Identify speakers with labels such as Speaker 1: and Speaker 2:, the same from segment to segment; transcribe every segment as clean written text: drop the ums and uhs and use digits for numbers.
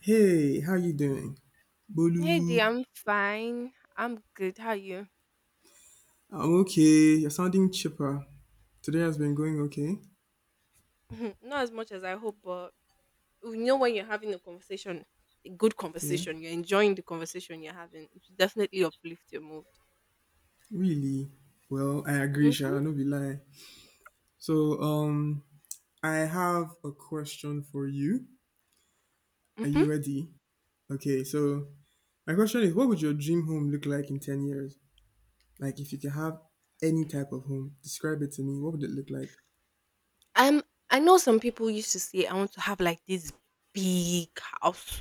Speaker 1: Hey, how you doing? Bolu.
Speaker 2: Hey dear, I'm fine. I'm good. How are you?
Speaker 1: I'm okay. You're sounding chipper. Today has been going okay.
Speaker 2: Not as much as I hope, but you know when you're having a conversation, a good
Speaker 1: Yeah.
Speaker 2: conversation, you're enjoying the conversation you're having. It should definitely uplift your mood.
Speaker 1: Really? Well, I agree,
Speaker 2: Mm-hmm.
Speaker 1: Sha. No be lie. So, um, I have a question for you. Are
Speaker 2: Mm-hmm.
Speaker 1: you ready? Okay, so my question is, what would your dream home look like in 10 years? Like, if you could have any type of home, describe it to me. What would it look like?
Speaker 2: Um, I know some people used to say I want to have like this big house.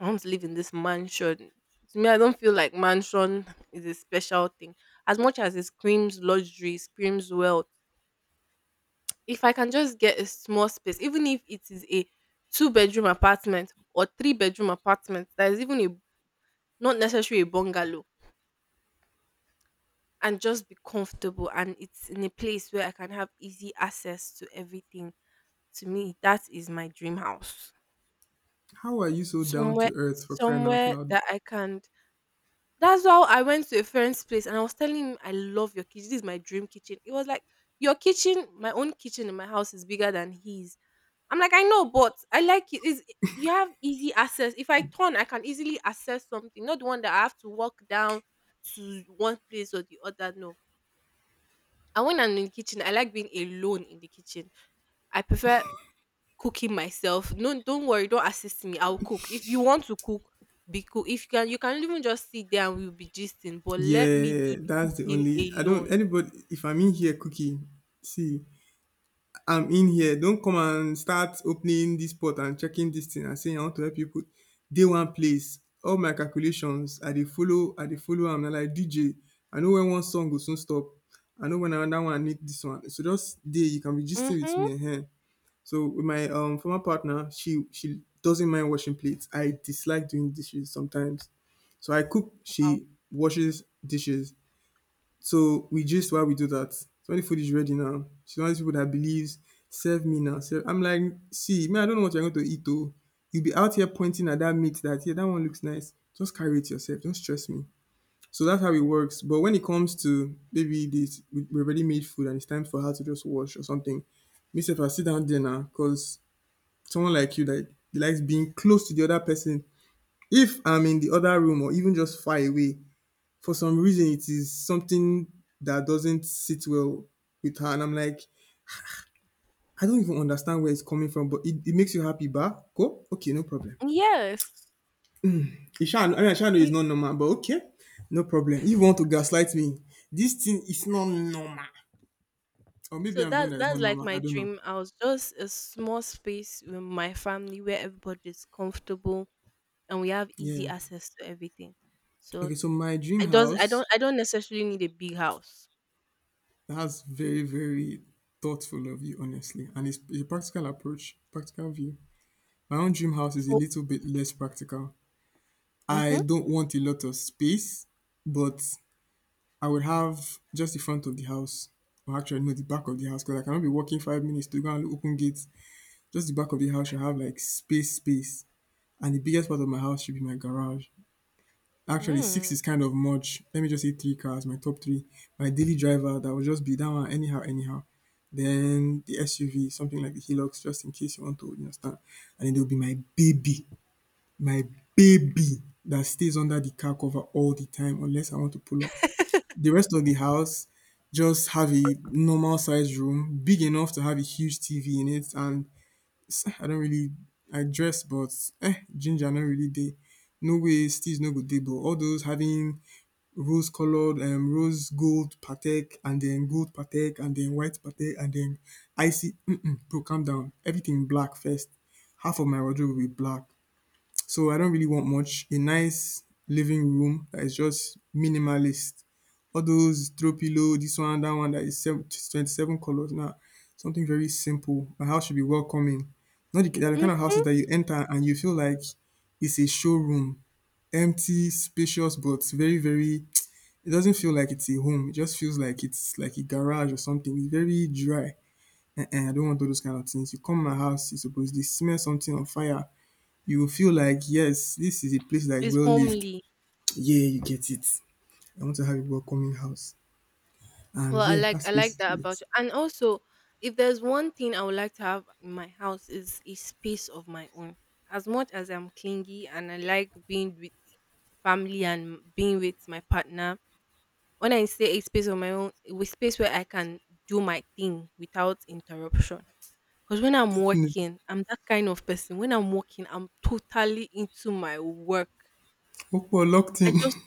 Speaker 2: I want to live in this mansion. To me, I don't feel like mansion is a special thing. As much as it screams luxury, screams wealth. If I can just get a small space, even if it is a two-bedroom apartment or three-bedroom apartment that is even a not necessarily a bungalow, and just be comfortable and it's in a place where I can have easy access to everything. To me, that is my dream house.
Speaker 1: How are you so down
Speaker 2: Somewhere
Speaker 1: to earth, for crying out
Speaker 2: somewhere
Speaker 1: loud?
Speaker 2: that I can. That's how I went to a friend's place and I was telling him, I love your kitchen. This is my dream kitchen. It was like, your kitchen, my own kitchen in my house is bigger than his. I'm like, I know, but I like it. Is you have easy access. If I turn, I can easily access something. Not the one that I have to walk down to one place or the other. No. And when I'm in the kitchen, I like being alone in the kitchen. I prefer cooking myself. No, don't worry, don't assist me. I'll cook. If you want to cook, be cook. If you can, you can even just sit there and we'll be gisting. But let me do
Speaker 1: Yeah,
Speaker 2: the
Speaker 1: that's the
Speaker 2: cooking
Speaker 1: only. I don't.
Speaker 2: alone.
Speaker 1: Anybody, if I'm in here, cookie, see, I'm in here. Don't come and start opening this pot and checking this thing and saying I want to help you put day one place. All my calculations, I dey follow, I dey follow. I am na like DJ. I know when one song go soon stop. I know when another one need this one. So just day, you can be gisting with
Speaker 2: Mm-hmm.
Speaker 1: me here. So with my former partner, she doesn't mind washing plates. I dislike doing dishes sometimes. So I cook,
Speaker 2: Wow.
Speaker 1: she washes dishes. So we just why we do that. So when the food is ready now, she's one of these people that believes, serve me now. Serve. I'm like, see, man, I don't know what you're going to eat though. You'll be out here pointing at that meat, that yeah, that one looks nice. Just carry it yourself. Don't stress me. So that's how it works. But when it comes to maybe this, we already made food and it's time for her to just wash or something, myself I sit down there now because someone like you that likes being close to the other person. If I'm in the other room or even just far away, for some reason it is something that doesn't sit well with her, and I'm like, I don't even understand where it's coming from, but it makes you happy, bah? Go? Okay, no problem.
Speaker 2: Yes.
Speaker 1: Isha, I mean, Isha know it's
Speaker 2: Me-
Speaker 1: not normal, but okay, no problem. You want to gaslight me, this thing is not normal. Or maybe
Speaker 2: So
Speaker 1: I'm doing
Speaker 2: that's
Speaker 1: that it's
Speaker 2: that's
Speaker 1: not
Speaker 2: like
Speaker 1: normal.
Speaker 2: my
Speaker 1: I don't know.
Speaker 2: dream. I was just a small space with my family where everybody's comfortable, and we have easy
Speaker 1: Yeah.
Speaker 2: access to everything. So
Speaker 1: Okay, so my dream
Speaker 2: I does I don't
Speaker 1: house,
Speaker 2: I don't necessarily need a big house.
Speaker 1: that's very, very thoughtful of you, honestly. And it's a practical approach, practical view. My own dream house is a little bit less practical. I
Speaker 2: Mhm.
Speaker 1: don't want a lot of space, but I would have just the front of the house, or actually, no, the back of the house, because I cannot be walking 5 minutes to go and open gates. Just the back of the house should have like space, space. And the biggest part of my house should be my garage. Actually, six
Speaker 2: Mm.
Speaker 1: is kind of much. Let me just say three cars, my top three. My daily driver, that will just be that one, anyhow, anyhow. Then the SUV, something like the Hilux, just in case you want to understand. And then there will be my baby. My baby that stays under the car cover all the time unless I want to pull up. The rest of the house, just have a normal sized room, big enough to have a huge TV in it and s- I don't really I dress but eh ginger not really dey. No way steeze no good dey but all those having rose coloured rose gold Patek and then gold Patek and then white Patek and then icy bro calm down, everything black first. Half of my wardrobe will be black. So I don't really want much. A nice living room that is just minimalist. All those throw pillow, this one that is seven, 27 colors. Now, nah, something very simple. My house should be welcoming. Not the, they're the kind of
Speaker 2: Mhm.
Speaker 1: houses that you enter and you feel like it's a showroom. Empty, spacious, but very, very. It doesn't feel like it's a home. It just feels like it's like a garage or something. It's very dry. And I don't want all those kind of things. You come to my house, you're supposed to smell something on fire, you will feel like, yes, this is a place that is
Speaker 2: It's
Speaker 1: well lived.
Speaker 2: homely.
Speaker 1: Yeah, you get it. I want to have a welcoming house.
Speaker 2: Well,
Speaker 1: And
Speaker 2: I
Speaker 1: yeah,
Speaker 2: like I
Speaker 1: that's
Speaker 2: like that
Speaker 1: basically
Speaker 2: about
Speaker 1: it.
Speaker 2: you. And also, if there's one thing I would like to have in my house is a space of my own. As much as I'm clingy and I like being with family and being with my partner, when I say a space of my own, a space where I can do my thing without interruption. Because when I'm
Speaker 1: Definitely.
Speaker 2: working, I'm that kind of person. When I'm working, I'm totally into my work.
Speaker 1: Hope we're locked
Speaker 2: I
Speaker 1: in.
Speaker 2: just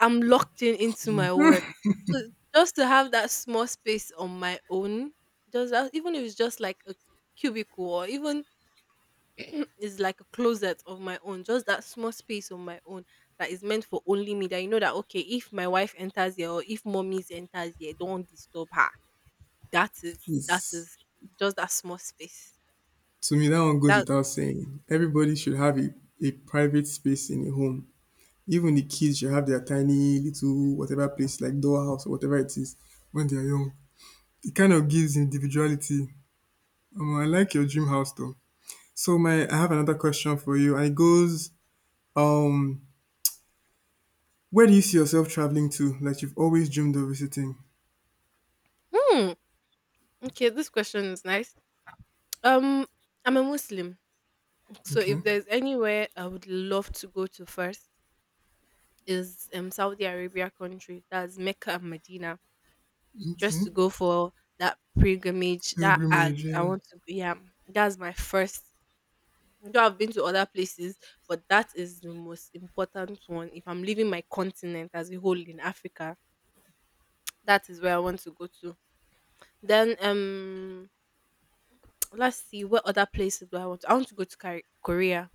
Speaker 2: I'm locked in into my work. So just to have that small space on my own, just that, even if it's just like a cubicle or even it's like a closet of my own, just that small space on my own that is meant for only me. That you know that okay, if my wife enters here or if mommies enters here, don't disturb her. That is that
Speaker 1: Yes.
Speaker 2: is just that small space.
Speaker 1: To me, that one goes
Speaker 2: That
Speaker 1: without saying. Everybody should have a private space in a home. Even the kids should have their tiny little whatever place, like dollhouse or whatever it is, when they are young. It kind of gives individuality. I like your dream house though. So my, I have another question for you, and it goes, um, where do you see yourself traveling to that you've always dreamed of visiting?
Speaker 2: hmm, okay. This question is nice. Um, I'm a Muslim, so if
Speaker 1: Okay,
Speaker 2: there's anywhere I would love to go to first is Saudi Arabia country. That's Mecca and Medina.
Speaker 1: okay.
Speaker 2: Just to go for that pilgrimage, that Hajj.
Speaker 1: Pilgrimage,
Speaker 2: I
Speaker 1: yeah.
Speaker 2: want to. Yeah, that's my first. Though I've been to other places, but that is the most important one. If I'm leaving my continent as a whole in Africa, that is where I want to go to. Then. Let's see what other places do I want to? I want to go to Korea.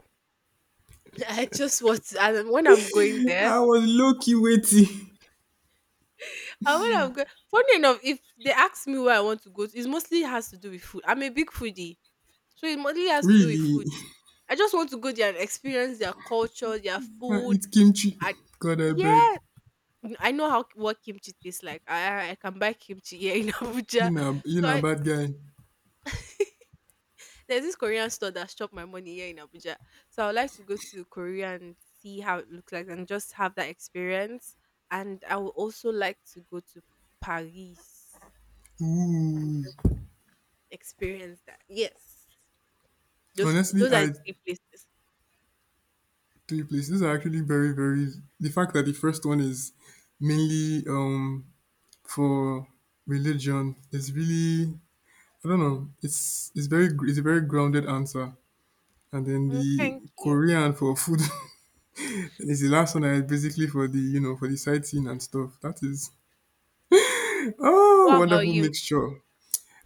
Speaker 2: I just want. To, and when I'm going there,
Speaker 1: I was low key waiting.
Speaker 2: And when I'm go funny enough, if they ask me where I want to go to, it mostly has to do with food. I'm a big foodie, so it mostly has to do with
Speaker 1: Really?
Speaker 2: food. I just want to go there and experience their culture, their
Speaker 1: I
Speaker 2: food.
Speaker 1: eat kimchi.
Speaker 2: And
Speaker 1: God, I beg.
Speaker 2: yeah, I know how what kimchi tastes like. I can buy kimchi here in Abuja.
Speaker 1: You
Speaker 2: So
Speaker 1: know,
Speaker 2: I,
Speaker 1: bad guy.
Speaker 2: there's this Korean store that shop my money here in Abuja. So I would like to go to Korea and see how it looks like and just have that experience. And I would also like to go to Paris.
Speaker 1: Ooh.
Speaker 2: Experience that. Yes. Those
Speaker 1: Honestly,
Speaker 2: those are the
Speaker 1: I
Speaker 2: three places.
Speaker 1: three places are actually very, very. The fact that the first one is mainly for religion is really I don't know. It's very gr- it's a very grounded answer. And then
Speaker 2: Mm,
Speaker 1: the
Speaker 2: thank you.
Speaker 1: Korean for food. It's the last one I had basically for the for the sightseeing and stuff. That is oh
Speaker 2: What about
Speaker 1: wonderful
Speaker 2: you?
Speaker 1: mixture.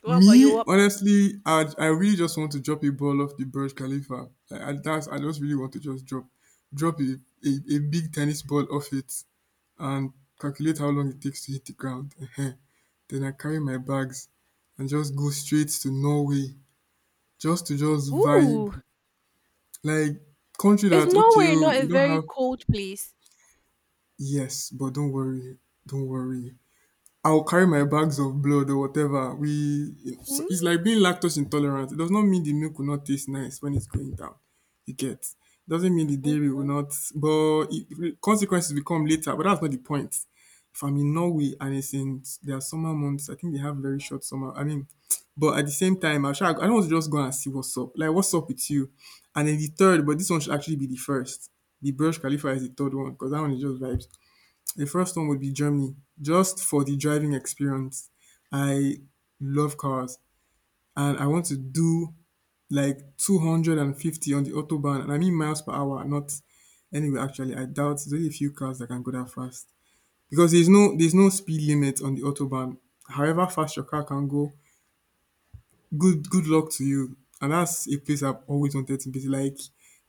Speaker 2: What about you?
Speaker 1: Me
Speaker 2: What
Speaker 1: honestly, I really just want to drop a ball off the Burj Khalifa. Like, I, that's I just really want to just drop drop a big tennis ball off it and calculate how long it takes to hit the ground. Ehen. Then I carry my bags and just go straight to Norway just to just vibe
Speaker 2: Ooh,
Speaker 1: like country
Speaker 2: is
Speaker 1: that okay
Speaker 2: Norway
Speaker 1: oh,
Speaker 2: not a
Speaker 1: we don't
Speaker 2: very
Speaker 1: have
Speaker 2: cold place?
Speaker 1: yes, but don't worry, don't worry. I'll carry my bags of blood or whatever. We, it's
Speaker 2: Mm.
Speaker 1: like being lactose intolerant. It does not mean the milk will not taste nice when it's going down. You get. Doesn't mean the dairy will
Speaker 2: Mhm.
Speaker 1: not, but it, consequences will come later. But that's not the point. If I'm in Norway and it's in their summer months, I think they have very short summer. I mean, but at the same time, I try, I don't want to just go and see what's up. Like what's up with you? And then the third, but this one should actually be the first. The Burj Khalifa is the third one because that one is just vibes. The first one would be Germany. Just for the driving experience, I love cars and I want to do like 250 on the autobahn. And I mean miles per hour, not anyway. Actually, I doubt there's only a few cars that can go that fast because there's no speed limit on the autobahn. However fast your car can go, good luck to you. And that's a place I've always wanted to visit. Like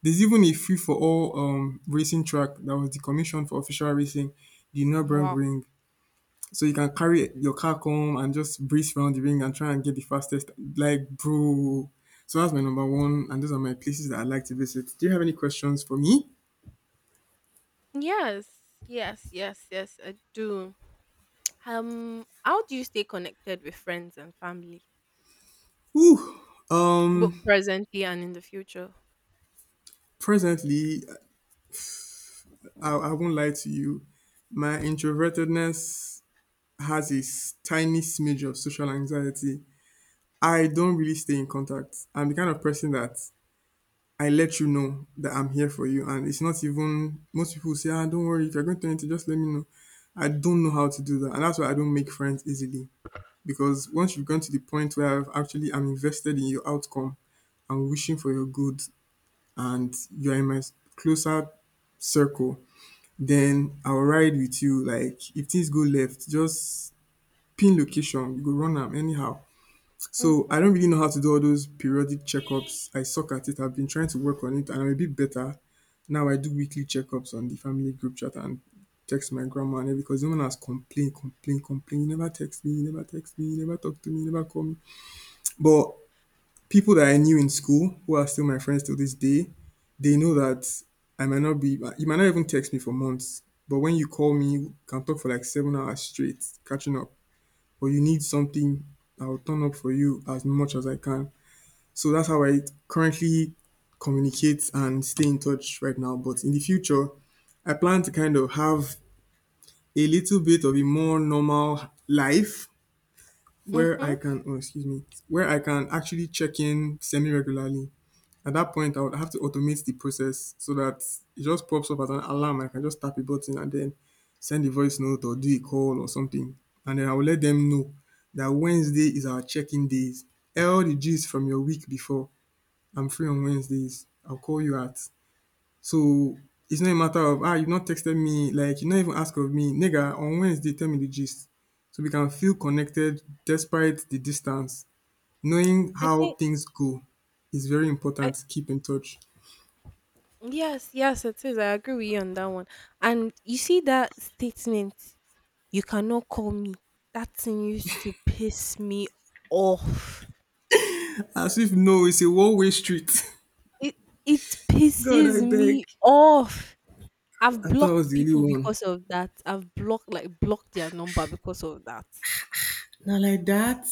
Speaker 1: there's even a free for all racing track that was decommissioned for official racing, the
Speaker 2: Wow.
Speaker 1: Nurburgring. So you can carry your car come and just breeze around the ring and try and get the fastest. Like, bro. So that's my number one, and those are my places that I like to visit. Do you have any questions for me?
Speaker 2: Yes, yes, yes, yes, I do. How do you stay connected with friends and family,
Speaker 1: Ooh.
Speaker 2: both
Speaker 1: Um,
Speaker 2: presently and in the future?
Speaker 1: presently, I won't lie to you. My introvertedness has a s- tiny smidge of social anxiety. I don't really stay in contact. I'm the kind of person that I let you know that I'm here for you. And it's not even, most people say, ah, don't worry, if you're going to anything, just let me know. I don't know how to do that. And that's why I don't make friends easily. Because once you've gone to the point where I've actually I am invested in your outcome, I'm wishing for your good, and you're in my closer circle, then I'll ride with you. Like if things go left, just pin location, you go run am anyhow. So I
Speaker 2: Mm-hmm.
Speaker 1: don't really know how to do all those periodic checkups. I suck at it. I've been trying to work on it and I'm a bit better. Now I do weekly checkups on the family group chat and text my grandma and everything because no one has complained, complained, complained. You never text me, you never text me, you never talk to me, you never call me. But people that I knew in school who are still my friends till this day, they know that I might not be, you might not even text me for months. But when you call me, you can talk for like 7 hours straight, catching up. Or you need something, I'll turn up for you as much as I can. So that's how I currently communicate and stay in touch right now. But in the future, I plan to kind of have a little bit of a more normal life where
Speaker 2: Mm-hmm.
Speaker 1: I can, oh, excuse me, where I can actually check in semi regularly. At that point, I would have to automate the process so that it just pops up as an alarm. I can just tap a button and then send a voice note or do a call or something. And then I will let them know that Wednesday is our check in days. All the gist from your week before, I'm free on Wednesdays. I'll call you at. So it's not a matter of, you've not texted me. Like, you not even ask of me. Nigga, on Wednesday, tell me the gist. So we can feel connected despite the distance. Knowing
Speaker 2: I
Speaker 1: how
Speaker 2: think
Speaker 1: things go is very
Speaker 2: I
Speaker 1: important to keep in touch.
Speaker 2: yes, yes, it is. I agree with you on that one. And you see that statement. You cannot call me. That thing used to piss me off.
Speaker 1: As if no, it's a one way street.
Speaker 2: It it
Speaker 1: God,
Speaker 2: pisses
Speaker 1: I beg.
Speaker 2: me off. I've
Speaker 1: I thought I was
Speaker 2: blocked
Speaker 1: the only
Speaker 2: people
Speaker 1: one.
Speaker 2: because of that. I've blocked like blocked their number because of that.
Speaker 1: Now, like that,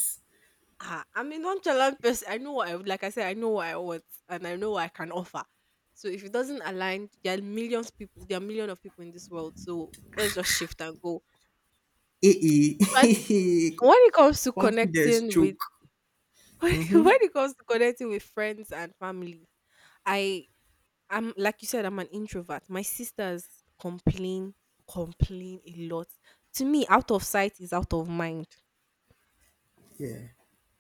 Speaker 2: Ah, I'm a nonchalant person. I know what I like. I said I know what I want and I know what I can offer. So if it doesn't align, there are millions people. There are millions of people in this world. So let's just shift and go.
Speaker 1: eh,
Speaker 2: So I,
Speaker 1: eh,
Speaker 2: when it comes to
Speaker 1: confidence
Speaker 2: connecting with
Speaker 1: choke.
Speaker 2: when
Speaker 1: Hmm.
Speaker 2: it comes to connecting with friends and family, I I'm like you said, I'm an introvert. My sisters complain, a lot. To me, out of sight is out of mind.
Speaker 1: Yeah,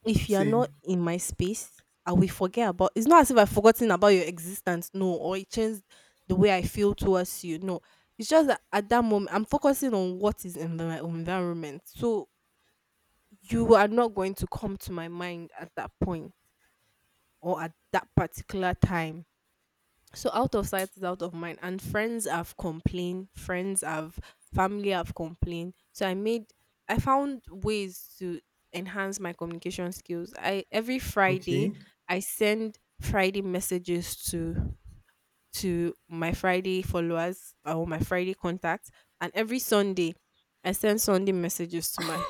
Speaker 2: If you are not
Speaker 1: same.
Speaker 2: in my space, I will forget about. It's not as if I've forgotten about your existence, no, or it changed the way I feel towards you, no. It's just that at that moment I'm focusing on what is in my environment. So you are not going to come to my mind at that point or at that particular time. So out of sight is out of mind, and friends have complained, friends have family have complained. So I found ways to enhance my communication skills. I every Friday
Speaker 1: Okay.
Speaker 2: I send Friday messages to my Friday followers, or my Friday contacts. And every Sunday, I send Sunday messages to my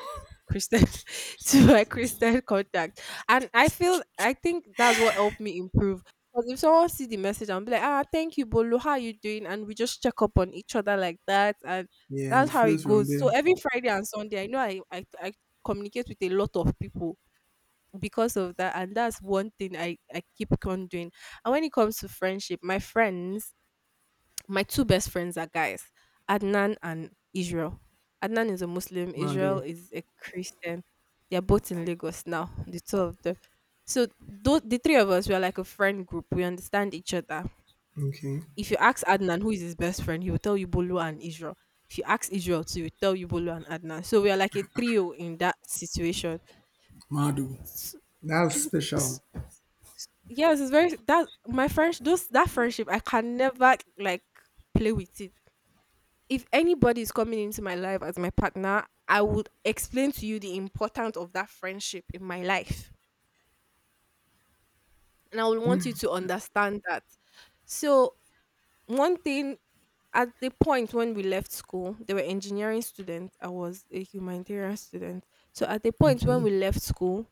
Speaker 2: Christian to my Christian contact. And I think that's what helped me improve. Because if someone see the message and be like, ah, thank you, Bolo, how you doing? And we just check up on each other like that. And
Speaker 1: Yeah, and
Speaker 2: that's
Speaker 1: it
Speaker 2: how it
Speaker 1: flows from
Speaker 2: goes. So
Speaker 1: there.
Speaker 2: every Friday and Sunday, I know I communicate with a lot of people because of that. And that's one thing I keep on doing. And when it comes to friendship, my friends, my two best friends are guys, Adnan and Israel. Adnan is a Muslim, Israel
Speaker 1: Madu.
Speaker 2: is a Christian. They're both in Lagos now, the two of them. So those, the three of us, we are like a friend group. We understand each other.
Speaker 1: Okay.
Speaker 2: If you ask Adnan who is his best friend, he will tell you Bolu and Israel. If you ask Israel too, he will tell you Bolu and Adnan. So we are like a trio in that situation.
Speaker 1: Madu.
Speaker 2: S-
Speaker 1: That's special.
Speaker 2: s- yes, it's very that my friends those that friendship I can never like play with it. If anybody is coming into my life as my partner, I would explain to you the importance of that friendship in my life. And I would want you to understand that. So, one thing at the point when we left school, they were engineering students. I was a humanitarian student. So, at the point when
Speaker 1: Okay.
Speaker 2: we left school,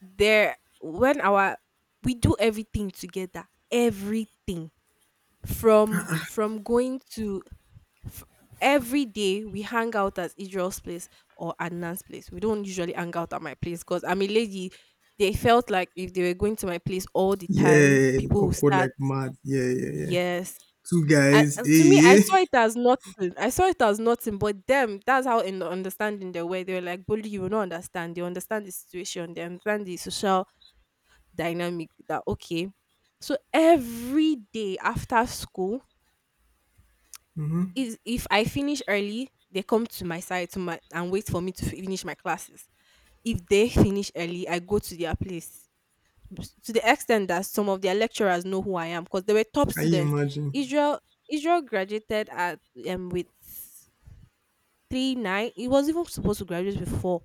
Speaker 2: there, when our, we do everything together, everything from going to f- every day we hang out at Israel's place or Adnan's place. We don't usually hang out at my place because I'm a lady. They felt like if they were going to my place all the time,
Speaker 1: Yeah.
Speaker 2: people would
Speaker 1: Awkward
Speaker 2: start,
Speaker 1: like mad. Yeah, yeah, yeah.
Speaker 2: yes.
Speaker 1: Two
Speaker 2: I,
Speaker 1: guys,
Speaker 2: and to me, I
Speaker 1: eh?
Speaker 2: saw it as nothing. I saw it as nothing, but them, that's how in the understanding they were. They were like, Bully, you will not understand. They understand the situation, they understand the social dynamic that, okay. So every day after school,
Speaker 1: Mm-hmm.
Speaker 2: is if I finish early, they come to my side to my and wait for me to finish my classes. If they finish early, I go to their place. To the extent that some of their lecturers know who I am because they were top
Speaker 1: Can you
Speaker 2: students.
Speaker 1: imagine?
Speaker 2: Israel Israel graduated at with 3.9. He was even supposed to graduate with four.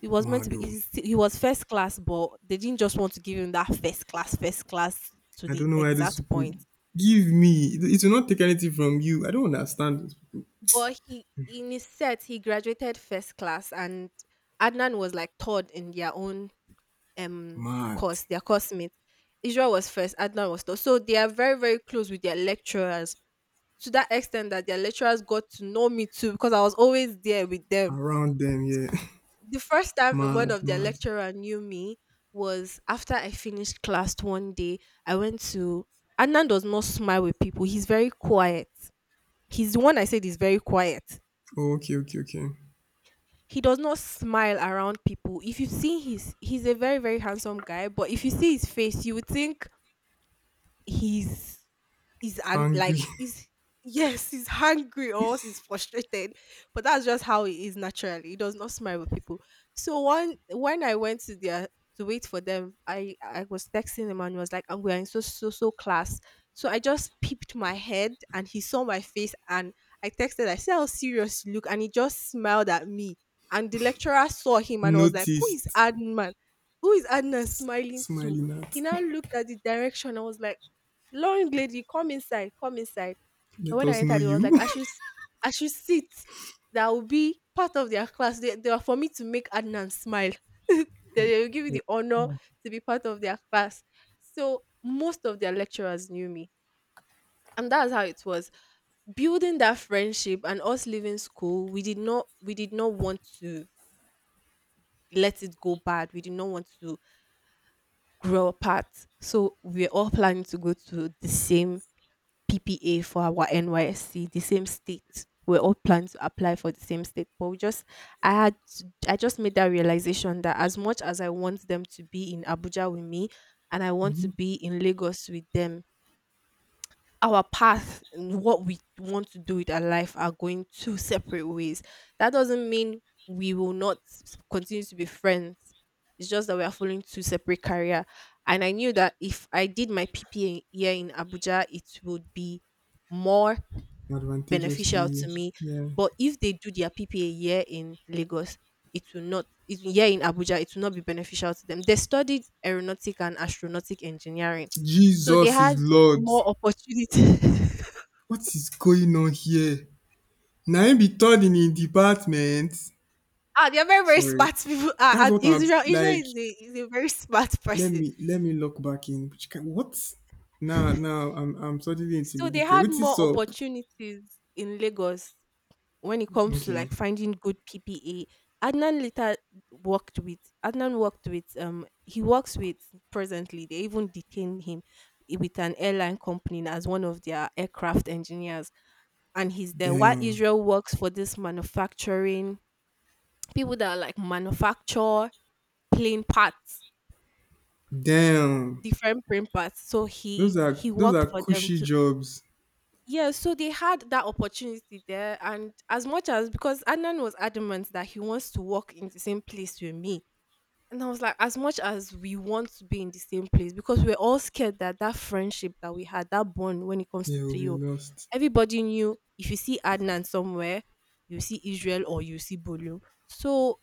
Speaker 2: He was meant to be.
Speaker 1: Madu.
Speaker 2: He was first class, but they didn't just want to give him that first class to
Speaker 1: I
Speaker 2: the
Speaker 1: don't know why those
Speaker 2: exact
Speaker 1: people
Speaker 2: point.
Speaker 1: give me. It will not take anything from you. I don't understand this.
Speaker 2: But he in his set, he graduated first class, and Adnan was like third in their own um
Speaker 1: Mad.
Speaker 2: course, their course mate. Israel was first, Adnan was third. So they are very, very close with their lecturers to that extent that their lecturers got to know me too because I was always there with them.
Speaker 1: Around them, yeah.
Speaker 2: The first time one
Speaker 1: Mad,
Speaker 2: of their
Speaker 1: mad.
Speaker 2: lecturer knew me was after I finished class one day. I went to Adnan does not smile with people. He's very quiet. He's the one I said is very quiet
Speaker 1: Oh, okay, okay, okay.
Speaker 2: he does not smile around people. If you see his, he's a very very handsome guy, but if you see his face, you would think he's is and like
Speaker 1: Angry.
Speaker 2: is yes, he's hungry or else he's frustrated. But that's just how he is naturally. He does not smile with people. So one when I went to their, to wait for them, I was texting him and he was like, "Oh, we are in so so so class." So I just peeped my head and he saw my face and I texted. I said, "How serious you look?" And he just smiled at me. And the lecturer saw him and was like, "Who is
Speaker 1: Noticed.
Speaker 2: Adnan? Who is Adnan smiling to?"
Speaker 1: Smiling
Speaker 2: He
Speaker 1: at.
Speaker 2: now looked at the direction. I was like, "Long lady, come inside, come inside." And
Speaker 1: Let
Speaker 2: when I
Speaker 1: us know
Speaker 2: entered, it was like
Speaker 1: you.
Speaker 2: I should sit. That will be part of their class. They are for me to make Adnan smile. they, they will give you the honor to be part of their class. So most of their lecturers knew me. And that's how it was, building that friendship. And us leaving school, we did not want to let it go bad, we did not want to grow apart. So we were all planning to go to the same PPA for our NYSC, the same state. We're all planning to apply for the same state, but we just, I just made that realization that as much as I want them to be in Abuja with me, and I want to
Speaker 1: Mhm.
Speaker 2: be in Lagos with them, our path and what we want to do with our life are going two separate ways. That doesn't mean we will not s- continue to be friends. It's just that we are following two separate career. And I knew that if I did my PPA here in Abuja, it would be more
Speaker 1: Advantageous to
Speaker 2: beneficial
Speaker 1: you.
Speaker 2: to me.
Speaker 1: Yeah.
Speaker 2: But if they do their PPA year in Lagos, it will not it here in Abuja, it will not be beneficial to them. They studied aeronautic and astronautic engineering. So they
Speaker 1: Jesus is
Speaker 2: had
Speaker 1: Lord.
Speaker 2: more opportunity.
Speaker 1: What is going on here? Na him be third in him department.
Speaker 2: Ah, they're very, very
Speaker 1: Sorry.
Speaker 2: smart people. Ah,
Speaker 1: That's
Speaker 2: and
Speaker 1: what I'm
Speaker 2: Israel,
Speaker 1: like.
Speaker 2: is a very smart
Speaker 1: Let
Speaker 2: person.
Speaker 1: me let me look back in. Which kind, what? Now I'm suddenly
Speaker 2: So they
Speaker 1: intimidated.
Speaker 2: had
Speaker 1: What is
Speaker 2: more
Speaker 1: up?
Speaker 2: opportunities in Lagos when it comes to
Speaker 1: Okay.
Speaker 2: like finding good PPA. Adnan later worked with Adnan worked with he works with presently. They even detained him with an airline company as one of their aircraft engineers. And he's there. While
Speaker 1: Damn.
Speaker 2: Israel works for this manufacturing people that are like manufacture playing parts,
Speaker 1: Damn.
Speaker 2: different playing parts. So he
Speaker 1: Those are
Speaker 2: he
Speaker 1: those are
Speaker 2: worked for them
Speaker 1: cushy
Speaker 2: too.
Speaker 1: jobs.
Speaker 2: Yeah, so they had that opportunity there, and as much as, because Adnan was adamant that he wants to work in the same place with me, and I was like, as much as we want to be in the same place, because we are all scared that that friendship that we had, that bond when it comes to
Speaker 1: They will be
Speaker 2: trio,
Speaker 1: lost.
Speaker 2: everybody knew if you see Adnan somewhere, you see Israel or you see Bolu. So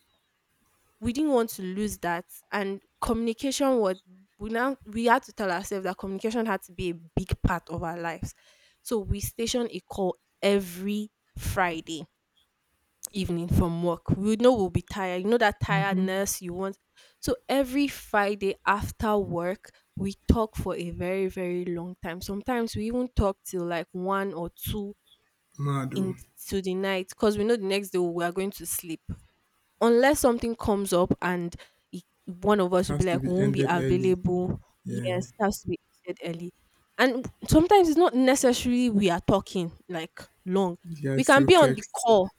Speaker 2: we didn't want to lose that. And communication was, we had to tell ourselves that communication had to be a big part of our lives. So we station a call every Friday evening. From work we know we'll be tired, you know that
Speaker 1: Mm-hmm.
Speaker 2: tiredness you want. So every Friday after work we talk for a very, very long time. Sometimes we even talk till like one or two
Speaker 1: Mado.
Speaker 2: in, to the night, because we know the next day we are going to sleep. Unless something comes up and one of us will be
Speaker 1: Has to
Speaker 2: like,
Speaker 1: be
Speaker 2: we won't be
Speaker 1: ended early.
Speaker 2: available.
Speaker 1: Yeah.
Speaker 2: Yes, it has to be ended early. And sometimes it's not necessary we are talking like long.
Speaker 1: You
Speaker 2: We
Speaker 1: guys
Speaker 2: can
Speaker 1: still
Speaker 2: be on the
Speaker 1: text.
Speaker 2: call.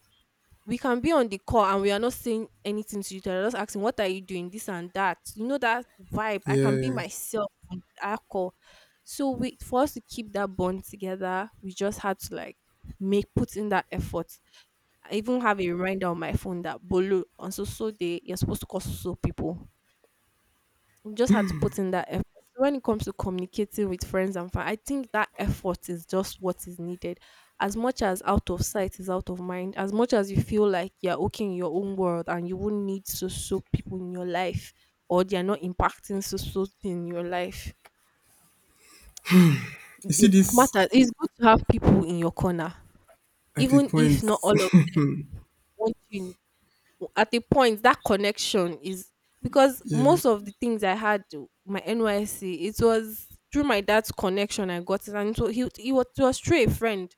Speaker 2: We can be on the call and we are not saying anything to each other. Just asking, what are you doing? This and that. You know that vibe. I can be
Speaker 1: Yeah.
Speaker 2: myself on that call. So we, for us to keep that bond together, we just had to like make put in that effort. I even have a reminder on my phone that Bolu, on so so day you're supposed to call so so people. You just had to put in that effort. So when it comes to communicating with friends and family, I think that effort is just what is needed. As much as out of sight is out of mind, as much as you feel like you're okay in your own world and you won't need so so people in your life, or they're not impacting so so in your life.
Speaker 1: You see
Speaker 2: It
Speaker 1: this
Speaker 2: matters. It's good to have people in your corner.
Speaker 1: at a
Speaker 2: Even if
Speaker 1: point.
Speaker 2: not all of them want you in at a point, that connection is, because
Speaker 1: Yeah,
Speaker 2: most of the things my NYC, it was through my dad's connection I got it. And so it was through a friend.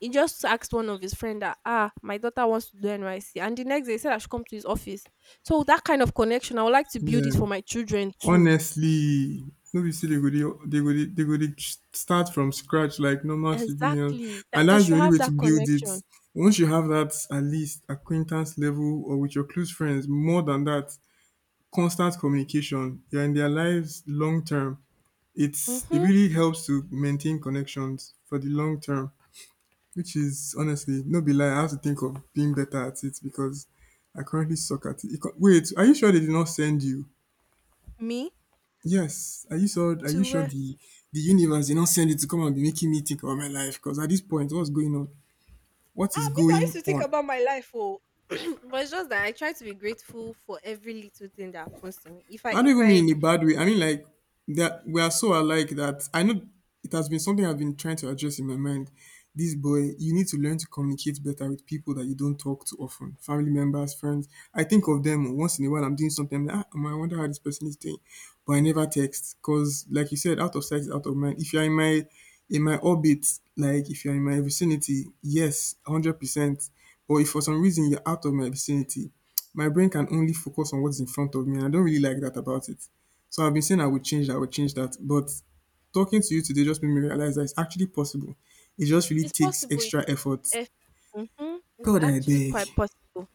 Speaker 2: He just asked one of his friend that, ah, my daughter wants to do NYC, and the next day he said I should come to his office. So that kind of connection I would like to build
Speaker 1: yeah.
Speaker 2: it for my children too.
Speaker 1: Honestly, no be say they go dey they go dey they go dey start from scratch like normal civilians,
Speaker 2: Exactly. That
Speaker 1: and
Speaker 2: they
Speaker 1: that's the
Speaker 2: should
Speaker 1: only
Speaker 2: have
Speaker 1: way to
Speaker 2: that
Speaker 1: build it.
Speaker 2: connection.
Speaker 1: Once you have that at least acquaintance level or with your close friends, more than that, constant communication. You're in their lives long term. It
Speaker 2: Mm-hmm.
Speaker 1: really helps to maintain connections for the long term, which is honestly no be lie. I have to think of being better at it because I currently suck at it. Wait, are you sure they did not send you?
Speaker 2: Me
Speaker 1: Yes, are you sure
Speaker 2: to.
Speaker 1: the universe did not send it to come and be making me think about my life? Because at this point, what's going on? What is
Speaker 2: Ah, me too, I used
Speaker 1: going
Speaker 2: to think
Speaker 1: on?
Speaker 2: about my life, oh. But it's just that I try to be grateful for every little thing that happens to me.
Speaker 1: I don't
Speaker 2: If
Speaker 1: even
Speaker 2: I,
Speaker 1: mean in a bad way. I mean like that we are so alike that I know it has been something I've been trying to address in my mind. This boy, you need to learn to communicate better with people that you don't talk to often. Family members, friends. I think of them, oh, once in a while. I'm doing something. Like, I wonder how this person is doing, but I never text because, like you said, out of sight is out of mind. If you're in my orbit, like if you're in my vicinity, yes, 100%. But if for some reason you're out of my vicinity, my brain can only focus on what's in front of me, and I don't really like that about it. So I've been saying I would change that, I would change that, but talking to you today just made me realize that it's actually possible. It just really
Speaker 2: it's
Speaker 1: takes
Speaker 2: possible.
Speaker 1: extra effort.
Speaker 2: If, it's
Speaker 1: God, I
Speaker 2: actually
Speaker 1: beg.
Speaker 2: quite possible.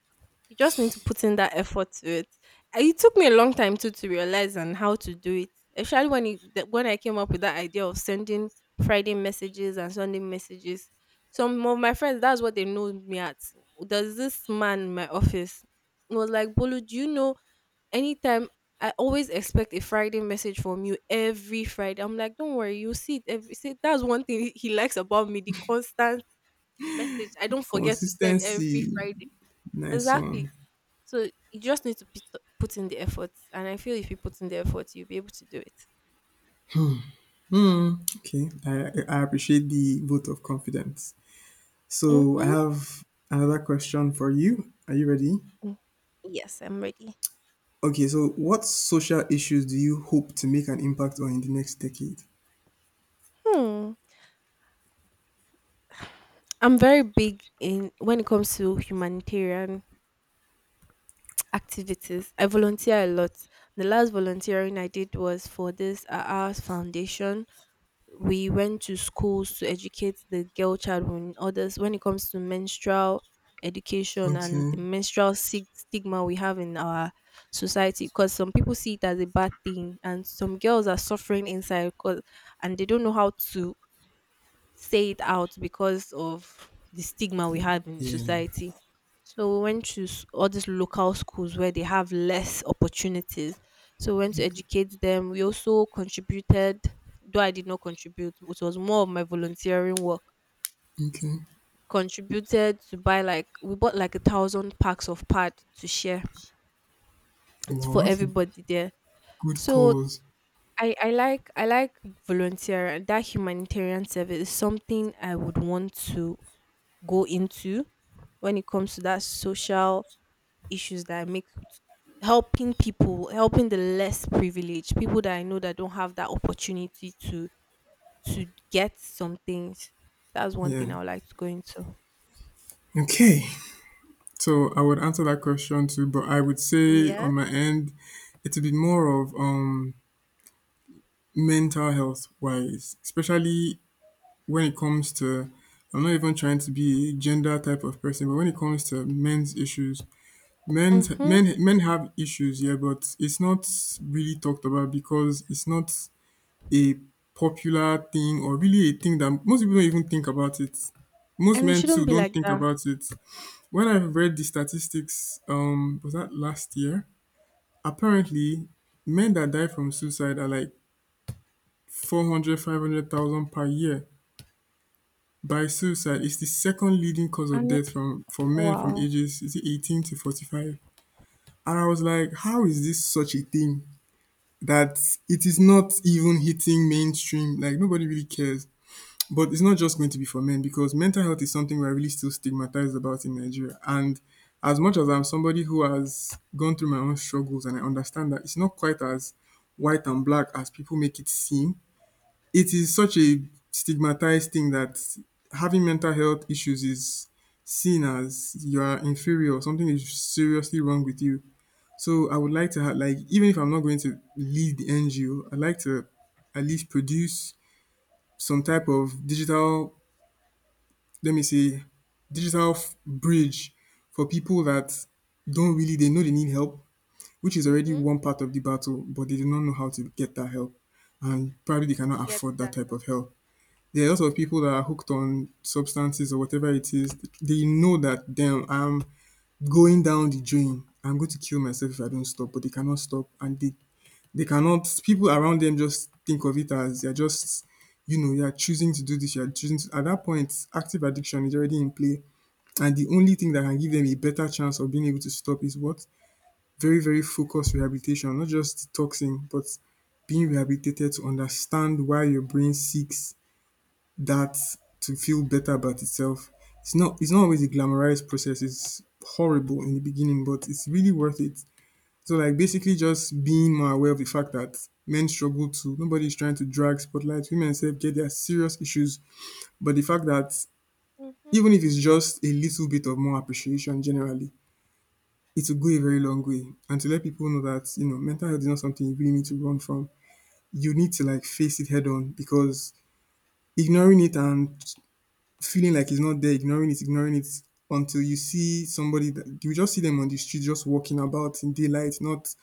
Speaker 2: You just need to put in that effort to it. It took me a long time too to realize and how to do it. Especially when it, when I came up with that idea of sending Friday messages and Sunday messages. Some of my friends, that's what they know me at. There's this man in my office. He was like, Bolu, do you know, anytime, I always expect a Friday message from you every Friday. I'm like, don't worry, you see it every, see, that's one thing he likes about me, the constant message. I don't forget to send
Speaker 1: Consistency.
Speaker 2: every Friday.
Speaker 1: Nice
Speaker 2: Exactly.
Speaker 1: one.
Speaker 2: So you just need to put in the effort. And I feel if you put in the effort, you'll be able to do it.
Speaker 1: Okay. I appreciate the vote of confidence. So I
Speaker 2: Mm-hmm.
Speaker 1: have another question for you. Are you ready?
Speaker 2: Yes, I'm ready.
Speaker 1: Okay, so what social issues do you hope to make an impact on in the next decade?
Speaker 2: Hmm. I'm very big in when it comes to humanitarian activities. I volunteer a lot. The last volunteering I did was for this Ours Foundation. We went to schools to educate the girl child when it comes to menstrual education and
Speaker 1: Okay.
Speaker 2: the stigma we have in our society, because some people see it as a bad thing and some girls are suffering inside 'cause, and they don't know how to say it out because of the stigma we have in
Speaker 1: Yeah.
Speaker 2: society. So we went to all these local schools where they have less opportunities. So we went to educate them. We also contributed, though I did not contribute, which was more of my volunteering work.
Speaker 1: Okay.
Speaker 2: Contributed to buy, like we bought like a thousand packs of pad to share for
Speaker 1: Wow, that's a
Speaker 2: everybody there.
Speaker 1: good
Speaker 2: So
Speaker 1: cause.
Speaker 2: I like volunteer, and that humanitarian service is something I would want to go into. When it comes to that social issues that I make, helping people, helping the less privileged, people that I know that don't have that opportunity to get some things. That's one
Speaker 1: Yeah.
Speaker 2: thing I would like to go into.
Speaker 1: Okay. So I would answer that question too, but I would say on
Speaker 2: Yes.
Speaker 1: my end, it's a bit more of mental health wise, especially when it comes to, I'm not even trying to be a gender type of person, but when it comes to men's issues, men's
Speaker 2: Mm-hmm.
Speaker 1: men men have issues, yeah, but it's not really talked about because it's not a popular thing or really a thing that most people don't even think about it. Most
Speaker 2: And it
Speaker 1: men
Speaker 2: shouldn't
Speaker 1: too
Speaker 2: be
Speaker 1: don't
Speaker 2: like
Speaker 1: think
Speaker 2: that.
Speaker 1: about it. When I read the statistics, was that last year? Apparently, men that die from suicide are like 400, 500,000 per year by suicide. It's the second leading cause of
Speaker 2: And it,
Speaker 1: death from for men from
Speaker 2: wow.
Speaker 1: ages, is it 18 to 45? And I was like, how is this such a thing that it is not even hitting mainstream? Like nobody really cares. But it's not just going to be for men because mental health is something we're really still stigmatized about in Nigeria. And as much as I'm somebody who has gone through my own struggles and I understand that it's not quite as white and black as people make it seem, it is such a stigmatized thing that having mental health issues is seen as you are inferior, something is seriously wrong with you. So I would like to have, like, even if I'm not going to lead the NGO, I'd like to at least produce some type of digital, let me say, digital bridge for people that don't really, they know they need help, which is already
Speaker 2: Mm-hmm.
Speaker 1: one part of the battle, but they do not know how to get that help. And probably they cannot
Speaker 2: Get
Speaker 1: afford that
Speaker 2: that
Speaker 1: type
Speaker 2: help.
Speaker 1: of help. There are lots of people that are hooked on substances or whatever it is. They know that, damn, I'm going down the drain. I'm going to kill myself if I don't stop, but they cannot stop. And they cannot, people around them just think of it as they're just, you know, you're choosing to do this, you're choosing to, at that point, active addiction is already in play. And the only thing that can give them a better chance of being able to stop is what? Very, very focused rehabilitation, not just detoxing, but being rehabilitated to understand why your brain seeks that to feel better about itself. It's not always a glamorized process. It's horrible in the beginning, but it's really worth it. So like basically just being more aware of the fact that men struggle too. Nobody is trying to drag spotlight. Women self get their serious issues. But the fact that
Speaker 2: Mm-hmm.
Speaker 1: even if it's just a little bit of more appreciation generally, it will go a very long way. And to let people know that mental health is not something you really need to run from. You need to like face it head on because ignoring it and feeling like it's not there, ignoring it until you see somebody that you just see them on the street just walking about in daylight, not,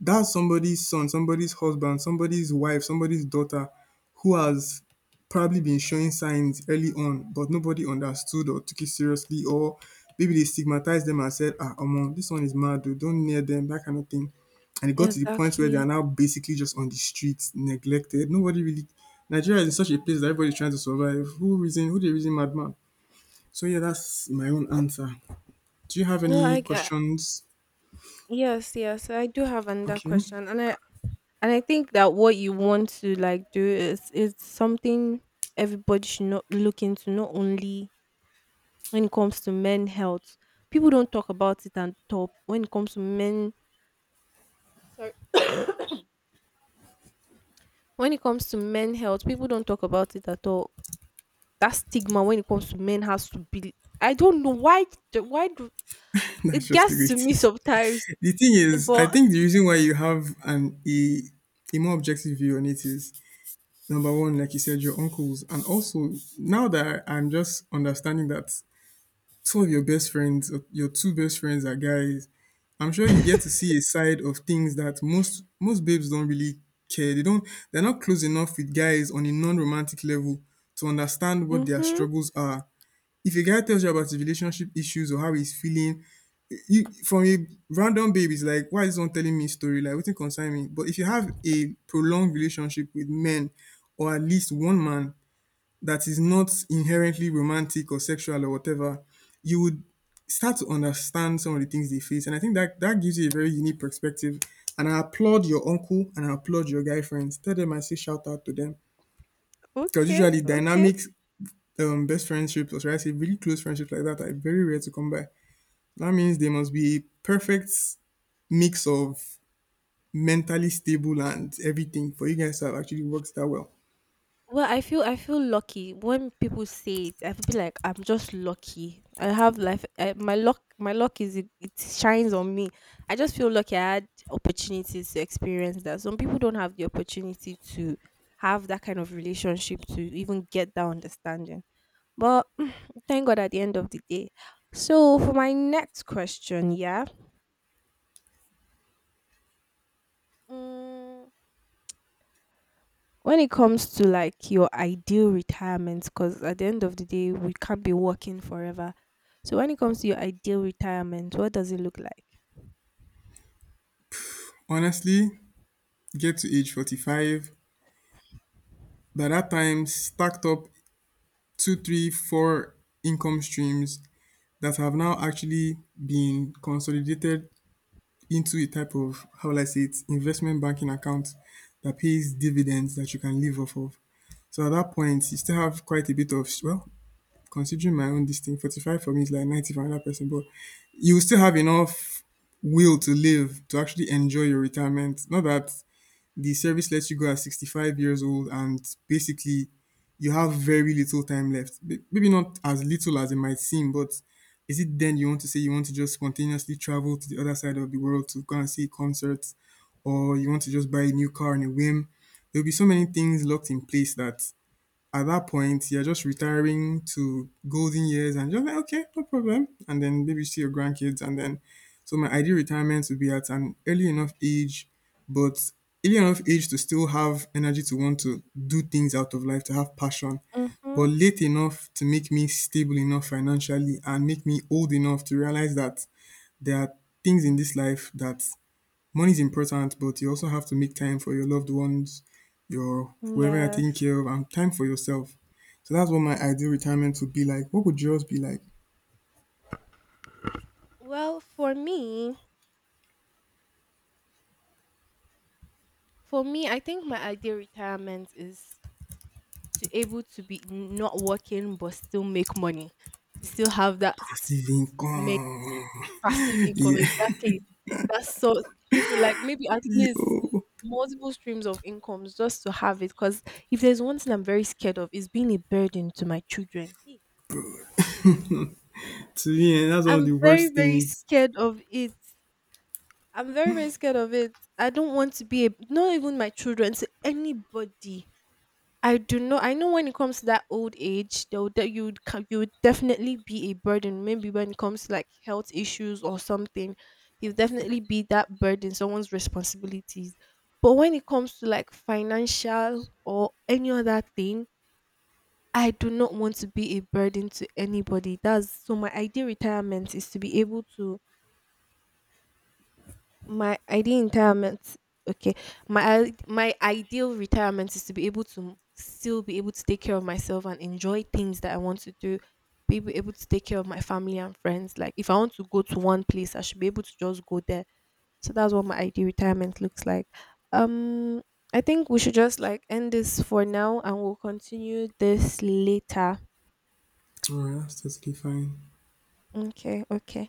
Speaker 1: that's somebody's son, somebody's husband, somebody's wife, somebody's daughter who has probably been showing signs early on, but nobody understood or took it seriously, or maybe they stigmatized them and said, ah, Omo, this one is mad, dude, don't near them, that kind of thing. And it got to the point where they
Speaker 2: Exactly.
Speaker 1: are now basically just on the streets, neglected. Nobody really, Nigeria is in such a place that everybody's trying to survive. Who reason, who the reason madman? So yeah, that's my own answer. Do you have
Speaker 2: No,
Speaker 1: any
Speaker 2: I
Speaker 1: questions?
Speaker 2: Yes, yes. I do have another
Speaker 1: Okay,
Speaker 2: question. And I think that what you want to like do is something everybody should not look into, not only when it comes to men health. People don't talk about it at all. When it comes to men health, people don't talk about it at all. That stigma when it comes to men has to be, I don't know why, the- why do
Speaker 1: that's
Speaker 2: it
Speaker 1: just the
Speaker 2: gets
Speaker 1: way
Speaker 2: to
Speaker 1: it
Speaker 2: me
Speaker 1: is.
Speaker 2: sometimes,
Speaker 1: The thing is, I
Speaker 2: but
Speaker 1: think the reason why you have an a more objective view on it is number one, like you said, your uncles, and also now that I'm just understanding that two of your best friends, your two best friends are guys. I'm sure you get to see a side of things that most babes don't really care. They don't. They're not close enough with guys on a non-romantic level to understand what their
Speaker 2: mhm.
Speaker 1: struggles are. If a guy tells you about his relationship issues or how he's feeling, you from a random babe is like, why is one telling me his story? Like, what concern me? But if you have a prolonged relationship with men, or at least one man that is not inherently romantic or sexual or whatever, you would start to understand some of the things they face. And I think that that gives you a very unique perspective. And I applaud your uncle and I applaud your guy friends. Tell them I say shout out to them because
Speaker 2: Okay.
Speaker 1: usually
Speaker 2: Okay.
Speaker 1: dynamics, best friendships, or should I say really close friendships like that, are very rare to come by. That means there must be a perfect mix of mentally stable and everything for you guys to have actually worked that well.
Speaker 2: Well, I feel lucky. When people say it, I feel like I'm just lucky. I have life. My luck is, it shines on me. I just feel lucky. I had opportunities to experience that. Some people don't have the opportunity to have that kind of relationship to even get that understanding. But mm, thank God at the end of the day. So for my next question, yeah. Mm, when it comes to like your ideal retirement, because at the end of the day we can't be working forever, so when it comes to your ideal retirement, what does it look like?
Speaker 1: Honestly, get to age 45, by that time, stacked up two, three, four income streams that have now actually been consolidated into a type of, how will I say it, investment banking account that pays dividends that you can live off of. So at that point, you still have quite a bit of, well, considering my own this thing, 45 for me is like 90 for another person, but you will still have enough will to live to actually enjoy your retirement. Not that the service lets you go at 65 years old and basically you have very little time left. Maybe not as little as it might seem, but is it then you want to say you want to just spontaneously travel to the other side of the world to go and see concerts, or you want to just buy a new car on a whim? There'll be so many things locked in place that at that point, you're just retiring to golden years and you're like, okay, no problem. And then maybe you see your grandkids. And then, so my ideal retirement would be at an early enough age, but early enough age to still have energy to want to do things out of life, to have passion, but
Speaker 2: Mhm.
Speaker 1: late enough to make me stable enough financially and make me old enough to realize that there are things in this life that money is important, but you also have to make time for your loved ones, your whoever you're taking
Speaker 2: Yes.
Speaker 1: care of, and time for yourself. So that's what my ideal retirement would be like. What would yours be like?
Speaker 2: Well, for me, I think my ideal retirement is to able to be not working but still make money, to still have that s-
Speaker 1: Passive
Speaker 2: s- make
Speaker 1: income.
Speaker 2: passive income.
Speaker 1: Yeah.
Speaker 2: Exactly, that's so different. Like maybe at least
Speaker 1: Yo.
Speaker 2: multiple streams of incomes just to have it. Because if there's one thing I'm very scared of, is being a burden to my children. Hey,
Speaker 1: To me, eh, that's one of
Speaker 2: I'm
Speaker 1: the
Speaker 2: very,
Speaker 1: worst
Speaker 2: very
Speaker 1: things.
Speaker 2: scared of it. I'm very, very scared of it. I don't want to be a, not even my children, to anybody. I do know. I know when it comes to that old age, though, that you would definitely be a burden. Maybe when it comes to like health issues or something, you'll definitely be that burden, someone's responsibilities. But when it comes to like financial or any other thing, I do not want to be a burden to anybody. That's so my ideal retirement is to be able to My ideal retirement okay. My ideal retirement is to be able to still be able to take care of myself and enjoy things that I want to do. Be able to take care of my family and friends. Like if I want to go to one place, I should be able to just go there. So that's what my ideal retirement looks like. Um I think we should just like end this for now and we'll continue this later.
Speaker 1: Alright, that's totally fine.
Speaker 2: Okay, okay.